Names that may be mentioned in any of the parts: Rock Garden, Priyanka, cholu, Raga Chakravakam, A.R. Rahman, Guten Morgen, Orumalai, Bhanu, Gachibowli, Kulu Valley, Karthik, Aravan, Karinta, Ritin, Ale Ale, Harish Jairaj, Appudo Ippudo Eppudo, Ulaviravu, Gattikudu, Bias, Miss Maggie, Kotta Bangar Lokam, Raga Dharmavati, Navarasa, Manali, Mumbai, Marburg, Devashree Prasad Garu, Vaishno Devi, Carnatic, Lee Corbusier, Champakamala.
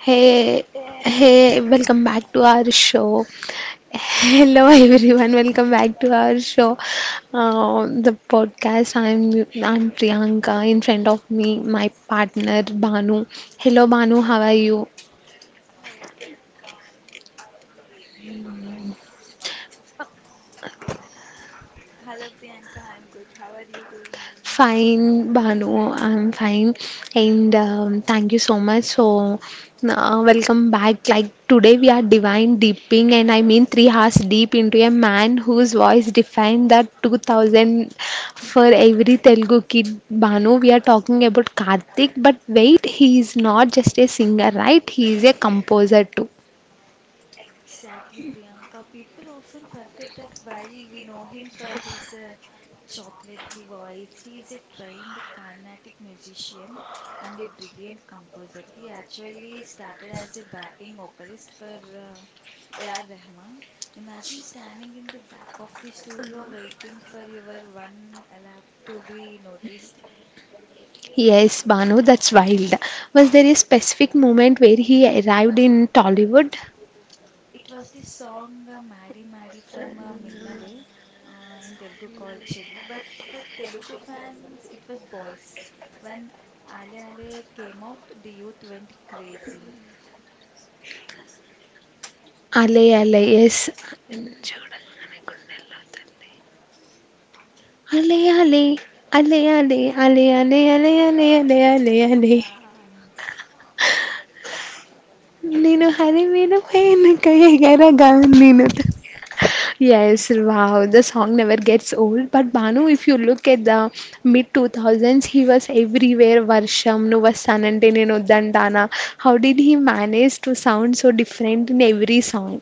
Hey, hey, welcome back to our show. Hello, everyone. Welcome back to our show, the podcast. I'm Priyanka. In front of me, my partner Banu. Hello, Banu. How are you? Hello Priyanka, I'm good. How are you doing? Hello Priyanka, I'm good. How are you doing? Fine, Bhanu, I'm fine. And thank you so much. So, welcome back. Like today, we are divine deeping, and I mean 3 hours deep into a man whose voice defined the 2000 for every Telugu kid. Bhanu, we are talking about Karthik, but wait, he is not just a singer, right? He is a composer too. Exactly, Priyanka. People often forget that while we know him for his chocolatey voice, he is a trained Carnatic musician and a brilliant composer. He actually started as a backing vocalist for uh, A.R. Rahman. Imagine standing in the back of the studio waiting for your one lap to be noticed. Yes, Banu, that's wild. Was there a specific moment where he arrived in Tollywood? It was the song Madi Madi from Minnale in Telugu called Cheli. But for Telugu fans, it was Boys. When Ale Ale came out, the youth went crazy. Ale Ale, yes. Ale Ale, Ale Ale, Ale Ale, Ale Ale, Ale Ale, Ale. Yeah. నేను హరి మీద పైన ఎగరగా నేను Yes, wow, the song never gets old. But Banu, if you look at the mid 2000s, he was everywhere. Varsham, Nuva Sanante Nenu Dandana. How did he manage to sound so different in every song?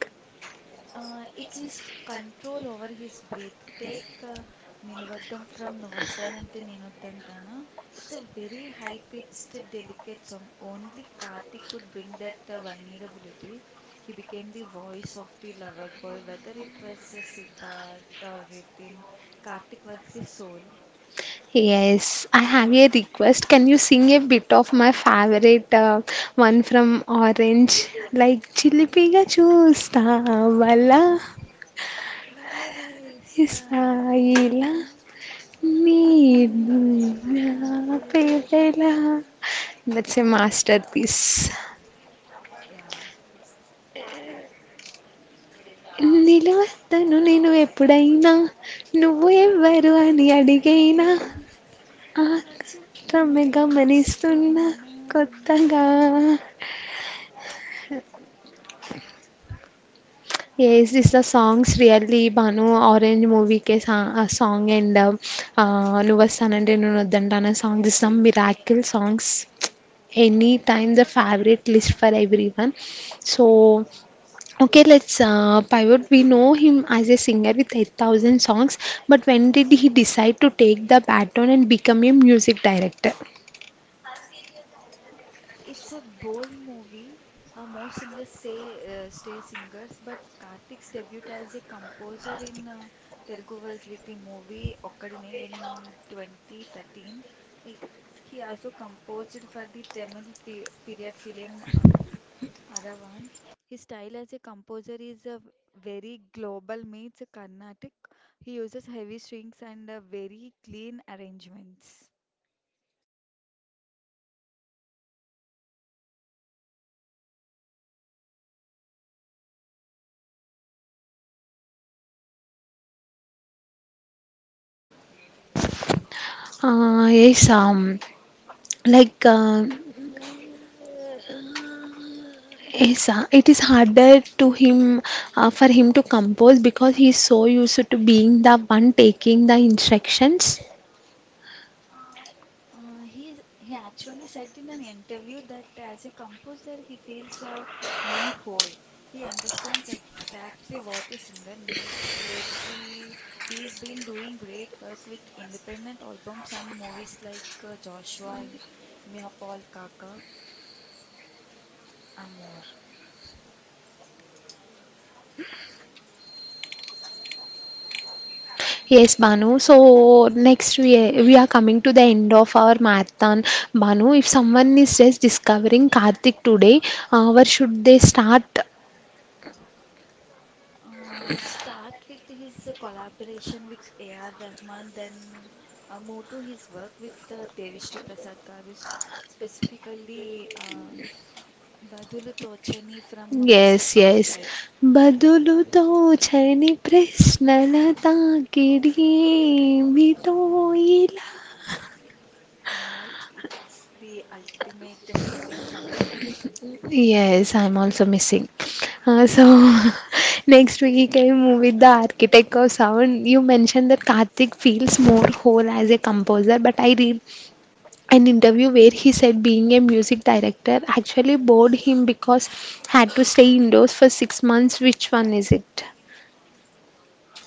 It's his control over his breath. Take Nilvadam from Nuvasthanante Nenodantana. It's a very high-pitched, delicate song. Only Karthik could bring that vulnerability. He became the voice of the lover boy, whether it was Siddharth or Ritin. Karthik was the soul. Yes, I have a request. Can you sing a bit of my favorite one from Orange? Like Uh, Chilipiga Chusta Bala వెలవేస్తా విలా Isaila. నీ నిన్నే ఆపేదెలా పేదలా that's a masterpiece yeah నిలవద్దను నేను ఎప్పుడైనా నువ్వు వ ఎవ్వరు అని పర్వాణి అడిగైనా అరిగేనా ఆ చిత్రము ఆకాశమే గమనిస్తున్నా గమనిస్తున్నా కొత్తగా వింతగా yes this the songs really Bhanu Orange మూవీకే సా సాంగ్ అండ్ నువ్వు వస్తానంటే నేను వద్దంటాను song this some miracle songs any time the favourite list for everyone so Okay, let's pivot. We know him as a singer with 8,000 songs, but when did he decide to take the baton and become a music director? It's a bold movie most singers say stay singers but Karthik's debut as a composer in Telugu was with the movie Okkadine in twenty thirteen he also composed for the Tamil పీ period film Aravan. His style as a composer is a very global meets Carnatic. He uses heavy strings and very clean arrangements. Yes, like yes, it is harder to him for him to compose because he is so used to being the one taking the instructions. He actually said in an interview that as a composer he feels more whole. He understands exactly what a singer needs. Lately, he has been doing great work with independent albums and movies like Joshua, Mia Kaka, and more. Yes, Banu. So next we are coming to the end of our marathon. Banu, if someone is just discovering Karthik today, where should they start? Start with his collaboration with A.R. Rahman, then move to his work with Devishri Prasad Garu, specifically Badulu Tochani from Yes, Mr. yes. Perfect. బదులుతో చని Di- ప్రశ్నల తాకిడి ఏమిటో ఇలా Yeah, it's the ultimate missing someone anthem. Yes, I'm also missing. So next we came with the architect of sound. You mentioned that Karthik feels more whole as a composer, but I re an interview where he said being a music director actually bored him because had to stay indoors for 6 months. Which one is it?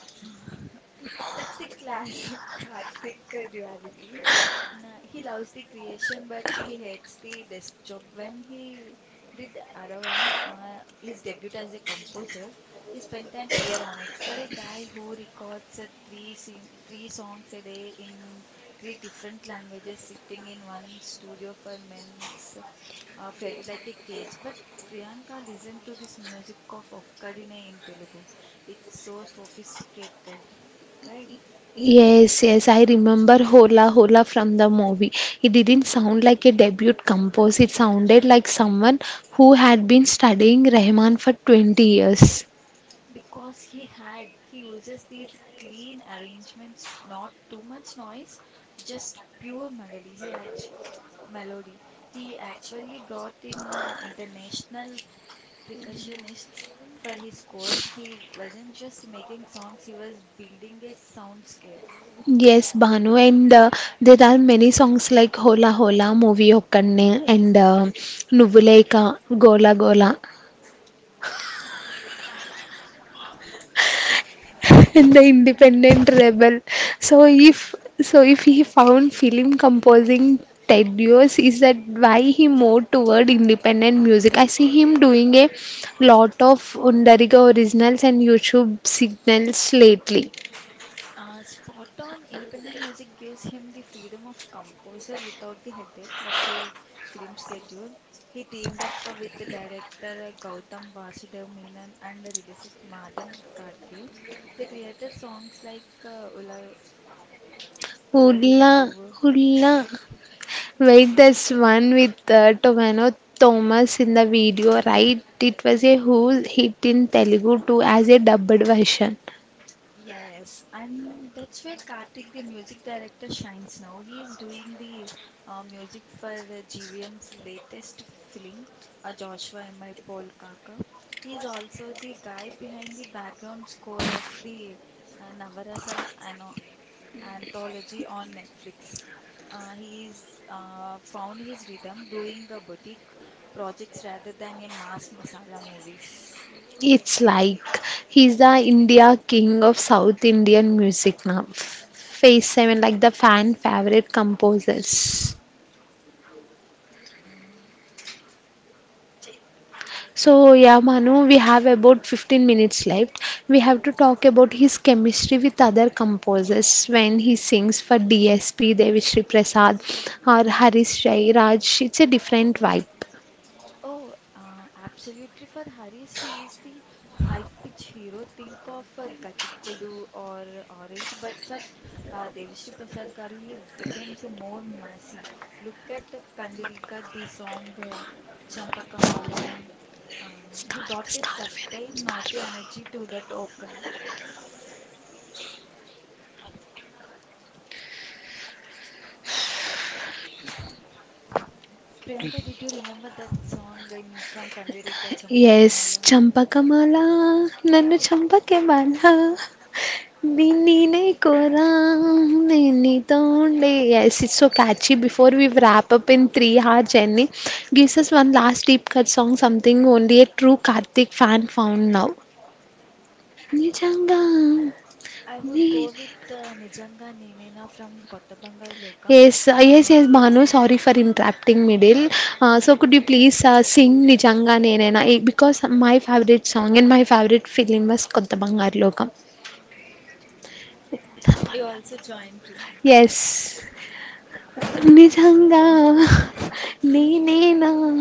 That's the classic Karthik duality. Nah, he loves the creation, but he hates the desk job. When he did Aravan, his debut as a composer, he spent an year on it. For a guy who records three songs a day in three different languages, sitting in one studio for months felt like a cage. But Priyanka listened to this music of Okkadine in Telugu. It's so sophisticated, right? Yes, yes, I remember Hola Hola from the movie. It didn't sound like a debut compose, it sounded like someone who had been studying Rahman for 20 years. Because he had, he uses these clean arrangements, not too much noise, just pure melody. He actually brought in international percussionists for his scores. He wasn't just making songs, he was building a soundscape. Yes, Bhanu, and there are many songs like Hola Hola, Movie Okanne, and Nuvvuleka, Gola Gola. The independent rebel. So if so if he found film composing tedious, is that why he moved toward independent music? I see him doing a lot of Undariga originals and YouTube signals lately. Spot on, independent music gives him the freedom of composer without the headache of a film schedule. He teamed up with the director Gautam Vasudev Menon and the lyricist Madan Karke. They created songs like Ula, Hula, Ulaviravu. hula. Wait, that's one with Tomano Thomas in the video, right? It was a huge hit in Telugu too as a dubbed version. Yes, and that's where Karthik, the music director, shines now. He is doing the music for GVM's latest film, Joshua M.I. Paul Kaka. He is also the guy behind the background score of the Navarasa ano anthology on Netflix. He is found his rhythm doing a boutique projects rather than a mass masala movies. It's like he's the India king of South Indian music now. Phase 7, like the fan favorite composers. Yeah. So, yeah, Manu, we have about 15 minutes left. We have to talk about his chemistry with other composers when he sings for DSP, Devishri Prasad, or Harish Jairaj. It's a different vibe. Oh, absolutely. For Haris, he is the high-pitch hero. Think of Gattikudu or Orange, but for Devashree Prasad Garu, he becomes more massy. Look at Kandarika, the song Champakamala. He Scarf, brought a scarf, certain scarf. naughty energy to that vocal. Priyanka, did you remember that song in from Kandarika, yes Champakamala? Champakamala నన్ను చంపకే బాల నిన్నే కోరా నిన్నితోండే yes it's so catchy before we wrap up in three hour journey gives us one last deep cut song something only a true karthik fan found now నిజంగా I would go నీ- with నిజంగా నేనేనా from 'కొత్త బంగారు లోకం'. Yes, ah, yes, yes, 'Michael Bhanu. J' Sorry for interrupting middle. So, could you please sing Nijanga Nenena? Because my favorite song and my favorite film was Kotta Bangar Lokam. You also join Priyanka. Yes. నిజంగా గా నేనేనా 'నేనేనా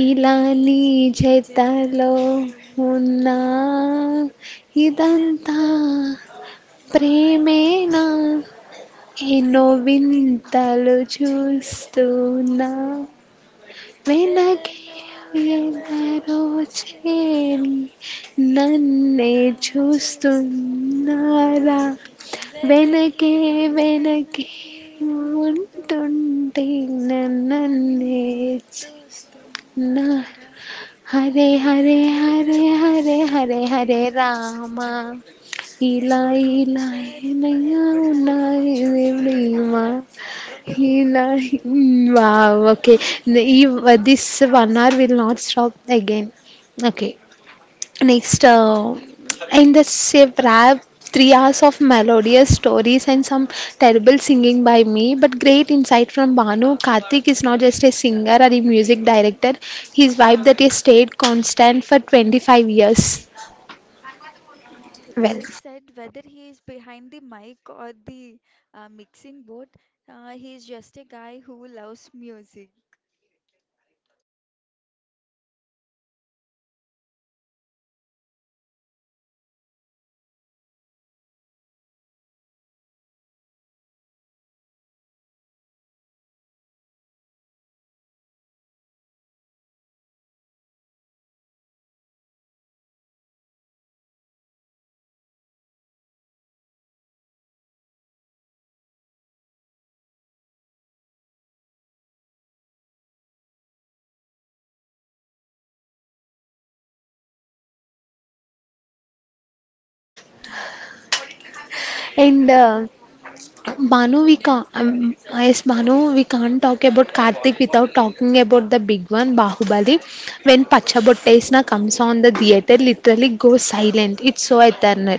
అనే ఇలా నీ నీ చేతల్లో జతలో ఉన్నా ఉన్నా? ఇదంతా ఇదంతా మాయే ప్రేమేనా? ఎన్నో అని వింతలు వింతలు చూస్తున్నా చూస్తున్నా వెనకే ఎదలో ఎవరో ఎందరో చేరి చేరి నన్నే ఇదంతా చేస్తున్నారా చూస్తున్నారా వెనకే Venakee, Venakee, వెనకే one, ఉంటూ two, three, na, na, నన్నే nee, na, తోస్తున్నారా Hare, అరే Hare, Hare, Hare Hare, Hare, Hare, Rama Rama, Hila, ఎంతో Hila, హుషారుగా Naya, Hila, ఉన్నది Devli ధీమా Ma, Hila. Wow. Okay. This banar will not stop again. Okay. Next, in the Shiv rap, 3 hours of melodious stories and some terrible singing by me, but great insight from Banu. Karthik is not just a singer or a music director, his vibe that has stayed constant for 25 years. Well, well set whether he is behind the mic or the mixing board he is just a guy who loves music. and Banu, we can't, yes, Banu, we can't talk about Karthik without talking about the big one, Bahubali. When Pachabottaisna comes on, the theatre literally goes silent. It's so eternal.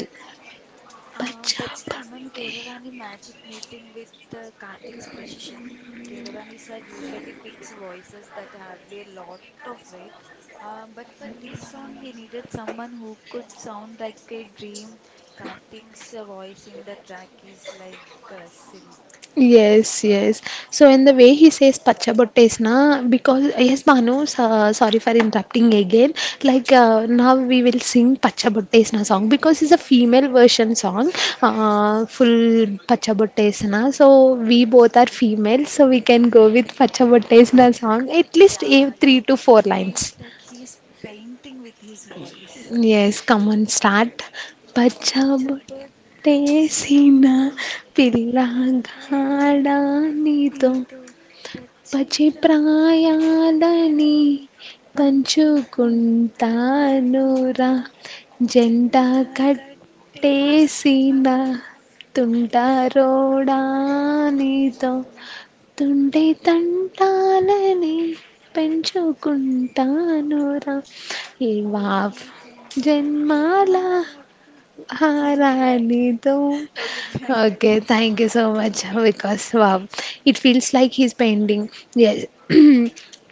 பச்சா That's the MM பட்டே Keeravani magic meeting with Karthik's precision. Keeravani sir usually picks voices that have a lot of weight, but for this song, he needed someone who could sound like a dream. Karthik's voice in the track is like uh, silk. Yes, yes. So, in the way he says pacha botte, because, yes, Bhanu, so, sorry for interrupting again. Like, now we will sing pacha botte song because it's a female version song, full pacha botte. So, we both are female, so we can go with pacha botte song, at least three It to four feels lines. like he's painting with his voice. Yes, come on, start. Pacha టేసిన పచ్చబొట్టేసిన్న పిల్లగాడా పిల్లగాడా నీతో నీతో పచ్చి పచిప్రాయాలని ప్రేమలనే పంచుకుంటానురా పంచుకుంటానురా జంట జంట కట్టేసిన కట్టేసిన తుంటరోడా ఒంటరోడా నీతో నీతో తుంటే తంటాలని పెంచుకుంటానురా ఇవావ్ వెయ్యి జన్మాల జన్మల ఆ! పుట్టిల్లాలి రాణితో okay Priyanka okay. Let's thank stop you so much because wow! It feels like he's painting. Yes.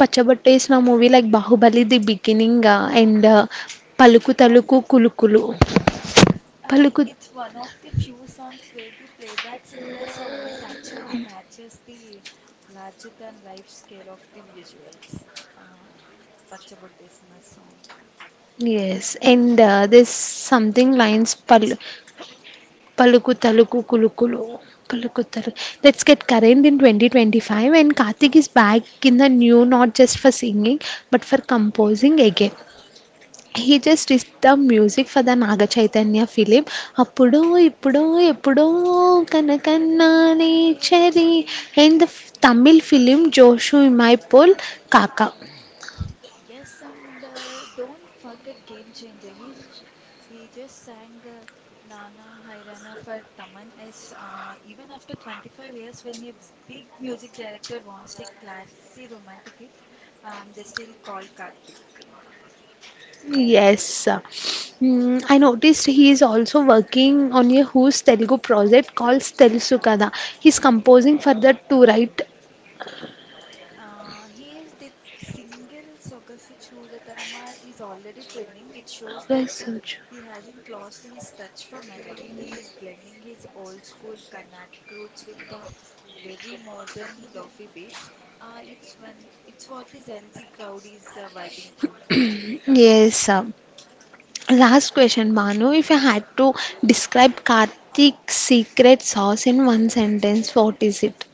'Pachabottesina' movie like 'Baahubali' the beginning and 'పలుకు ఆ. తలుకు కులుకులు'. Um, పలుకు it's one of the few songs where the playback singer's voice actually matches the larger than life scale of the visuals. Um, Pachabottesina song. Yes. And this something lines పలు పలుకు తలుకు కులుకులు. పలుకు తలుకు let's get current in 2025 and Karthik is back in the new, not just for singing but for composing again. He just is the music for the Naga Chaitanya film అప్పుడు ఇప్పుడు ఎప్పుడో కనకన్నా కలగన్నానే నేచరి చలి. అండ్ ద తమిళ్ ఫిలిం జోషు ఇమైపోల్ కాకా Yes, and don't forget Game Changer. He just sang Nana Hairana for Taman as even after 25 years, when a big music director wants a classy romantic hit, they still call Karthik. Yes. Mm, I noticed he is also working on a Who's Telugu project called Telusu Kada. He's composing for that too, right? He is the single సొగసు చూడతనమా is already trending. It shows Very that so true. he hasn't lost his touch for melody. He is blending his old school Carnatic roots with the very modern lofi beats. Uh, it's when it's what the Gen Z crowd is vibing to. Yes. Last question, Manu. If I had to describe Karthik's secret sauce in one sentence, what is it?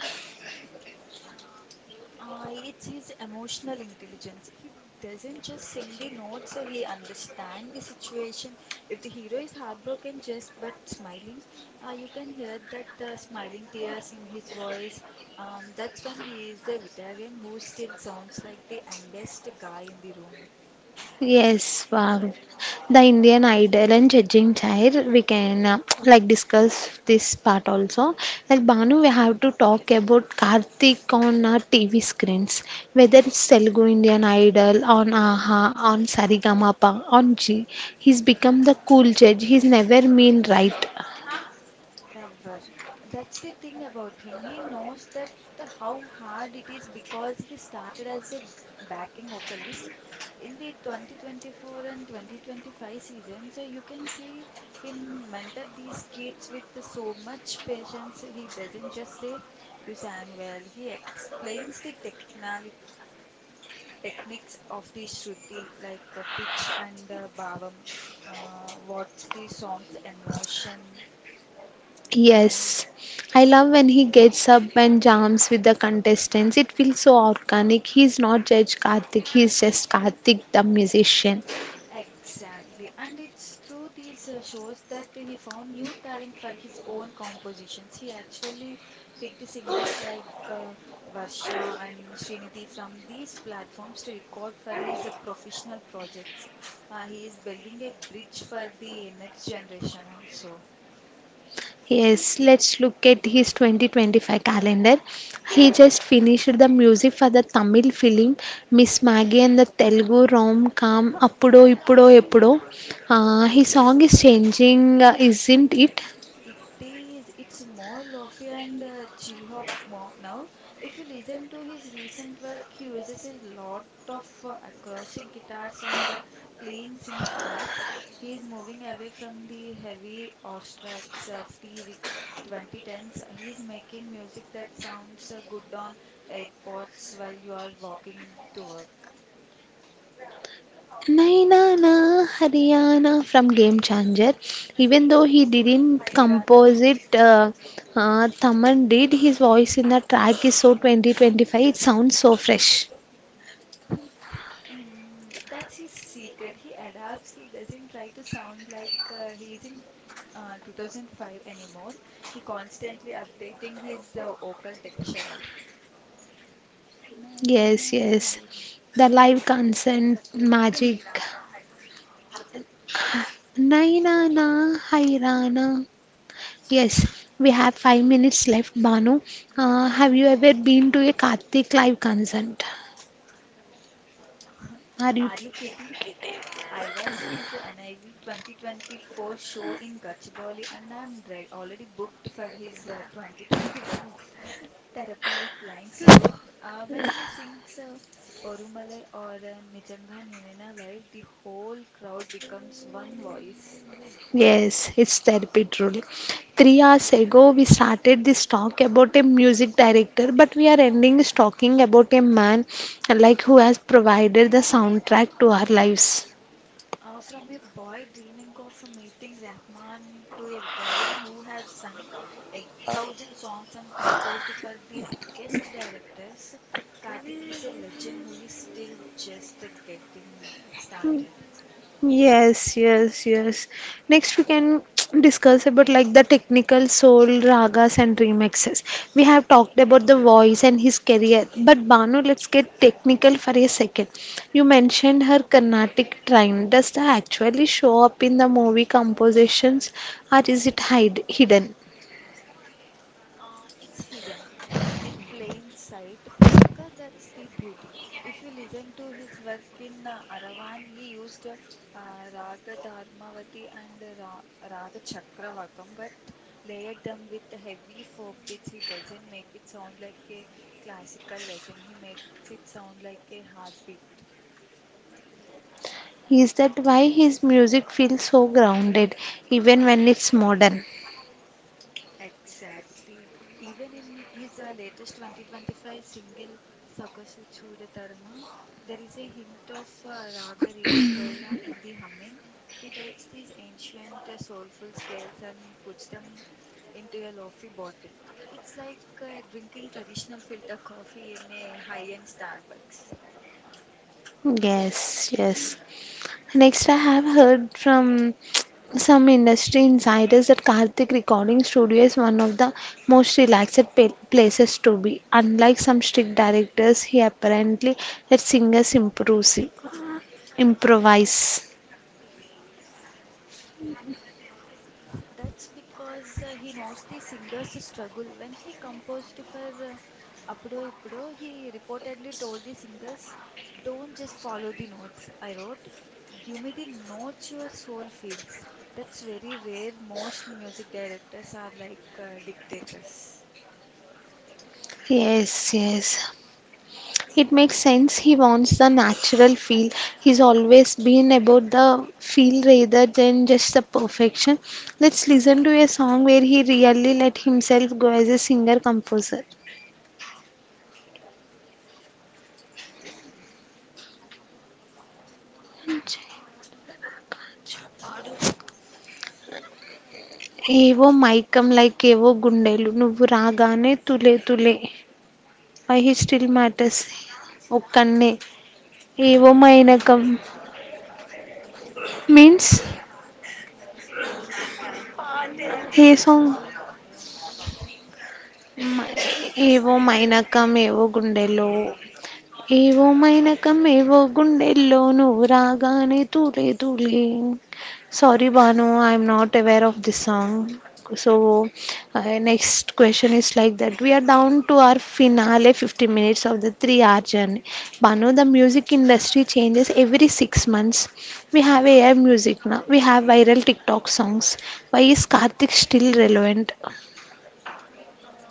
It's his emotional intelligence. He doesn't just sing the notes, he understands the situation. If the hero is heartbroken, just but smiling, you can hear that smiling tears in his voice. That's when he is a veteran who still sounds like the youngest guy in the room. Yes, the Indian Idol and judging chair. We can like discuss this part also. Like Banu, we have to talk about Karthik on our TV screens, whether it's Telugu Indian Idol, on Aha, on Sarigamapa, on G. He's become the cool judge. He's never mean, right. Never. That's the thing about him. He knows that how hard it is because he started as a backing vocalist in the 2024 and 2025 season. So you can see him mentor these kids with so much patience. He doesn't just say, "You sang well." He explains the technali techniques of the Shruti, like pitch and bhavam, what's the song's emotion and all. Yes. I love when he gets up and jams with the contestants. It feels so organic. He's not Judge Karthik, he's just Karthik the musician. Exactly. And it's through these shows that he found new talent for his own compositions. He actually picked singers like Varsha and Srinidhi from these platforms to record for his professional projects. He is building a bridge for the next generation also. Yes, let's look at his 2025 calendar. He just finished the music for the Tamil film Miss Maggie and the Telugu rom com Appudo Ippudo Eppudo. His song is changing, isn't it? It is. It's more lofi and chill hop mo now. If you listen to his recent work, he uses a lot of acoustic guitars and clean synth pads. He is moving away from the heavy orchestrates of the 2010s. He is making music that sounds good on AirPods while you are walking to work. Nainana Haryana from Game Changer. Even though he didn't compose it, Thaman did. His voice in the track is so 2025. It sounds so fresh. That's his secret. He adapts. He doesn't try to sound like he is in 2005 anymore. He constantly updating his vocal texture all. Na na, Yes, yes. hi. Ra. The live consent magic. Naina na rana. Yes, we have 5 minutes left, Banu. Have you ever been to a Kartik live concert? Are Are you kidding? I was his NIV 2024 show in Gachibowli and I'm re already booked for his 2025 therapy with Lions you? tour. When he sings Orumalai or Nijanga Ninena live, the whole crowd becomes one voice. Yes, it's therapy truly. 3 hours ago, we started this talk about a music director, but we are ending this talking about a man like who has provided the soundtrack to our lives. From a boy dreaming of meeting Rahman to a veteran who has sung 8,000 songs and composed for the biggest directors, Karthik is a legend who is still just getting Hmm. started. Yes, yes, yes. Next, we can discuss about like the technical soul, ragas, and remixes. We have talked about the voice and his career, but Banu, let's get technical for a second. You mentioned her Carnatic trine. Does that actually show up in the movie compositions, or is it hide hidden? It's hidden in plain sight, Priyanka. That's the beauty. If you listen to his work in Aravan, he used raga Dharmavati and raga Chakravakam, but layered them with heavy folk beats. He doesn't make it sound like a classical lesson, he makes it sound like a heartbeat. Is that why his music feels so grounded, even when it's modern? Exactly. Even in his latest 2025 single Sogasu Chudatarama, there is a hint of Raga Riti Gaula in the humming. He takes these ancient soulful scales and puts them into a lofi bottle. It's like drinking traditional filter coffee in a high-end Starbucks. Yes, yes. Next, I have heard from some industry insiders that Karthik Recording Studio is one of the most relaxed places to be. Unlike some strict directors, he apparently let singers improvise. improvise. That's because he knows the singer's struggle. When he composed for Appudo Ippudo, he reportedly told the singers, "Don't just follow the notes I wrote, give me the notes your soul feels." That's very rare. Most music directors are like dictators. Yes, yes. It makes sense he wants the natural feel. He's always been about the feel rather than just the perfection. Let's listen to a song where he really let himself go as a singer composer. ఏవో మైకం like ఏవో గుండెలు నువ్వు రాగానే తులే తులే why he still matters ఒక్కనే ఏవో మైనకం మీన్స్ ఏ సాంగ్ ఏవో మైనకం ఏవో గుండెలో ఏవో మైనకం ఏవో గుండెల్లో నువ్వు రాగానే తూలే తూలే Sorry, Banu, I'm not aware of this song. So, next question is like that. We are down to our finale 50 minutes of the 3 hour journey. Banu, the music industry changes every 6 months. We have AI music now, we have viral TikTok songs. Why is Karthik still relevant? Uh,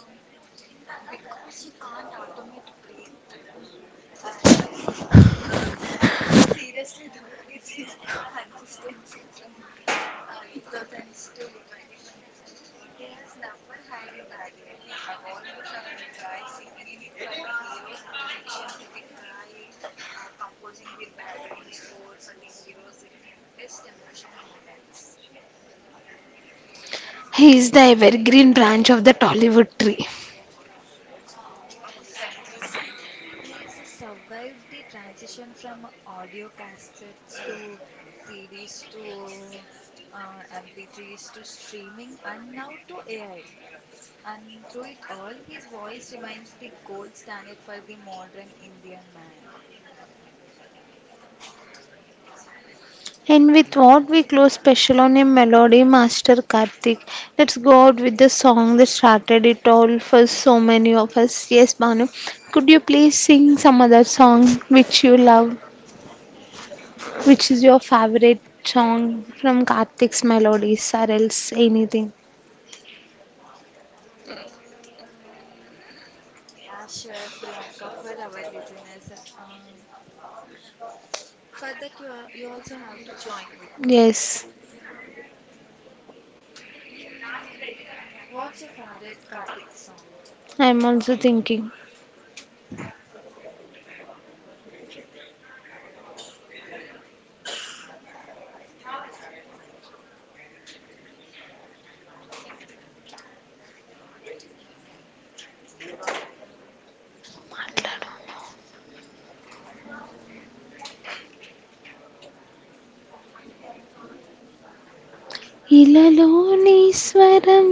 because you can't automate breathe. Uh, Seriously though, it's his consistency from 2000s to 2025. He has never had a bad year. He evolved from the guy singing for the hero's introduction to the guy composing the background score for the hero's deepest emotion moments. He is the evergreen branch of the Tollywood tree. Perfectly said. He has survived the transition from audio cassettes to CDs to MP3s to streaming and now to AI. And through it all, his voice remains the gold standard for the modern Indian man. And with what we close special on a melody master Karthik. Let's go out with the song that started it all for so many of us. Yes, Banu. Could you please sing some other song which you love, which is your favorite song from Karthik's melodies or else anything? Yeah, sure, Priyanka, for our listeners. For that, you also have to join with me. Yes, Mm, what's your favorite Kartik song? I'm also thinking. మాట్లాడు. Mm. ఇలలో నీ స్వరం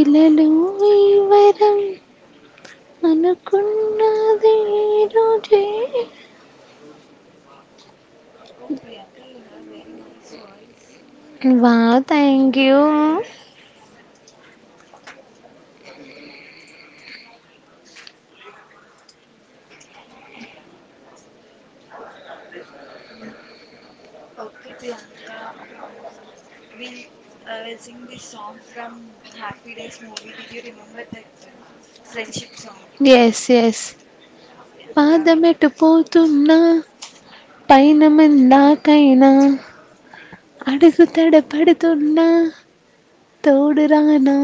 ఇలలో ఈ వరం అనుకున్నది రోజే Oh, Priyanka, you have very nice voice. Wow thank you Uh, okay, Priyanka, we'll we'll sing this song from Happy Days movie. Did you remember that friendship song? Yes yes Yeah, Priyanka will. పాదమెటు పోతున్నా పైన ఇక మందాకైనా చూ- స్- అడుగు తడపడుతున్నా తోడురానా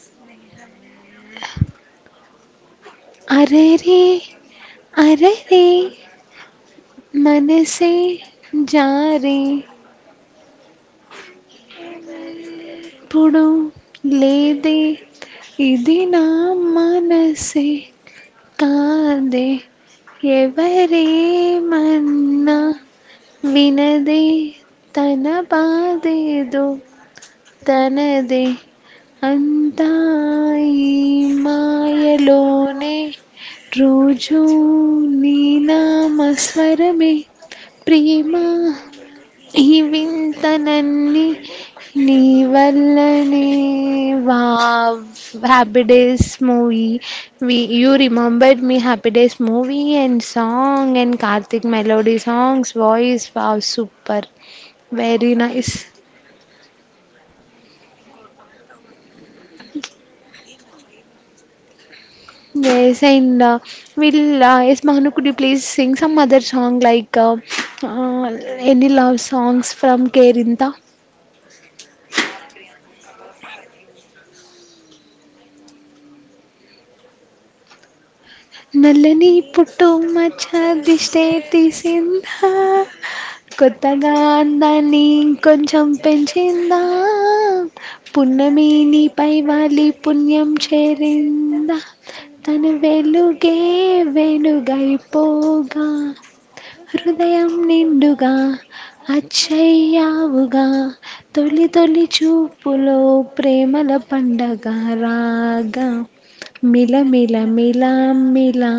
స్నేహమే అరే రే అరే రే మనసే జారే జారే ఇది వరకెప్పుడు ఇప్పుడు లేదే లేదే ఇది ఇది నా నా మనసే మనసే కాదే కాదే ఎవరేమన్నా ఎవరేమన్నా వినదే వినదే తన బాధేదో ఎనమాటేదో తనదే తనదే అంతా ఈ అంతాయి మాయలో మాయలోనే రోజూ రోజు నీ నీ నామస్మరమే నామస్మరణే ప్రియమా ప్రేమ ఈ ఈ వింతలన్నీ వింతలన్నీ నీ నీ వల్లనే వల్లనే. Wow Wow. Happy days movie we you remembered me happy days movie and song and Karthik melody songs voice wow super And very nice yes and will yes Mahanu could you please sing some other song like from any Karinta. Love songs from Kerintha Yeah, Priyanka, for you. నల్లని నీ పుట్టు పుట్టు మచ్చ మచ్చ దిష్టే దిష్టే తీసిందా తీసిందా కొత్తగా కొత్తగా అందాన్ని అందాన్ని ఇంకొంచెం ఇంకొంచెం పెంచిందా పెంచిందా పున్నమి నీపై పున్నమేనిపై వాలి బలి పుణ్యం పుణ్యం చేసిందా చేరిందా తన తను వెలుగే వెలుగే మెరుగైపోగా వెలుగైపోగా హృదయం హృదయం నిండుగా నిండుగా అచ్చయ్యావుగా అచ్చయ్యావుగా తొలి తొలి తొలి తొలి చూపులో చూపులో ప్రేమల ప్రేమల పండగ పండుగ రాగా రాగా మిల మిల మిలమిల మిల మిల మిలామిల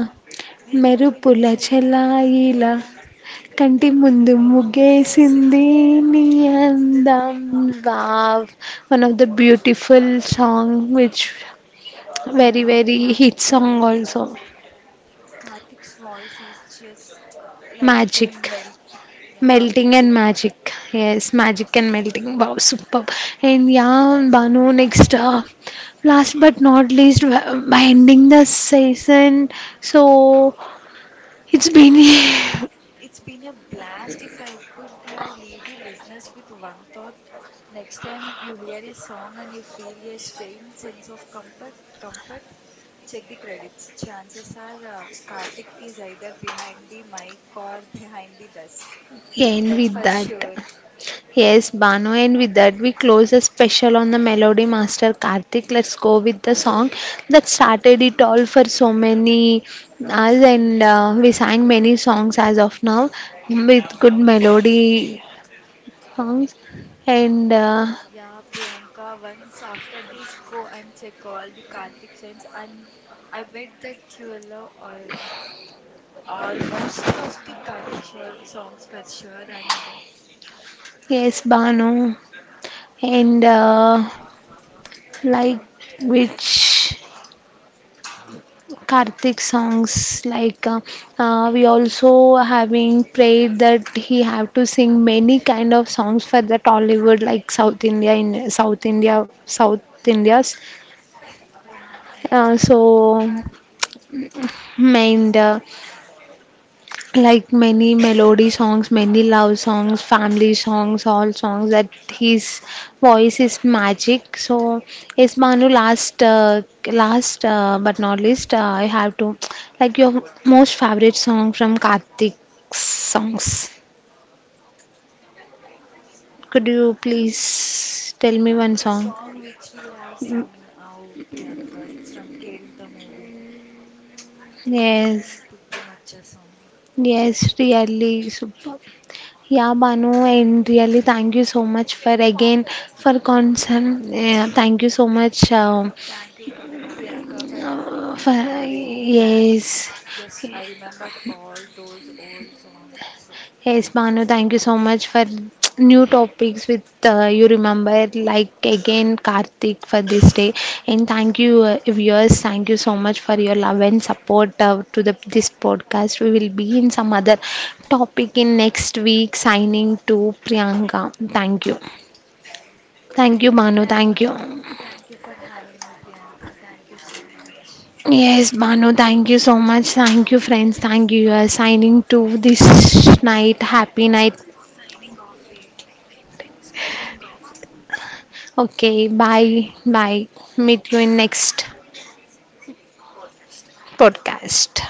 మెరుపులు మెరుపుల చెలాయిలా చెల్లాయిలా కంటి కంటిముందు ముందు ముగ్గేసింది ముగ్గేసిందే నీ నీ అందం అందం wow one of the beautiful song, which yeah very very hit Priyanka song it also. Karthik's voice is just like a Magic, melting yeah melting it's and it. magic. Yes, magic and melting. Wow, superb. And yeah, Banu, next last but not least, by ending the season, so it's been It's been a blast. If I could have leave the listeners with one thought, next time you hear a song and you feel a strange sense of comfort, check the credits. Chances are Kartik is either behind the mic or behind the desk. end That's with for that. sure. Yes, Bano, and with that we close the special on the Melody Master Karthik. Let's go with the song that started it all for so many us, and we sang many songs as of now with good melody songs. And Yeah, Priyanka, once after this, go and check all the Kartik signs, and I bet that you will love all most of the Kartik show, songs for sure. And yes, Bano, and like which Karthik songs like we also having prayed that he have to sing many kind of songs for that Hollywood like South India in South India South India's ఏం మాట్లాడు so mind. Like many melody songs, many love songs, family songs, all songs that his voice is magic. So yes, Manu, last but not least, I have to like your most favorite song from Kartik's songs. Could you please tell me one song? song which we have sung now, Priyanka. It's from Kerinta movie, Nalani Yes, Puttumacha song. yes, really super. Yeah, Banu, and really thank you so much for again for concern. Yeah, thank you so much Thank you, Priyanka, for having Uh, for- me and bringing back. yes, Just I remembered all those old songs. yes, Manu, thank you so much for new topics with you remember like again Karthik for this day, and thank you viewers, thank you so much for your love and support to the this podcast. We will be in some other topic in next week, signing to Priyanka. Thank you. Thank you, Manu, Thank, thank you. thank you for having me, Priyanka. Thank you so much. Yes, Manu, thank you so much. Thank you, friends. Thank you. You are signing to this night. Happy night. Signing off, eh? Signing off Okay, bye. Bye. Meet you in next podcast. podcast.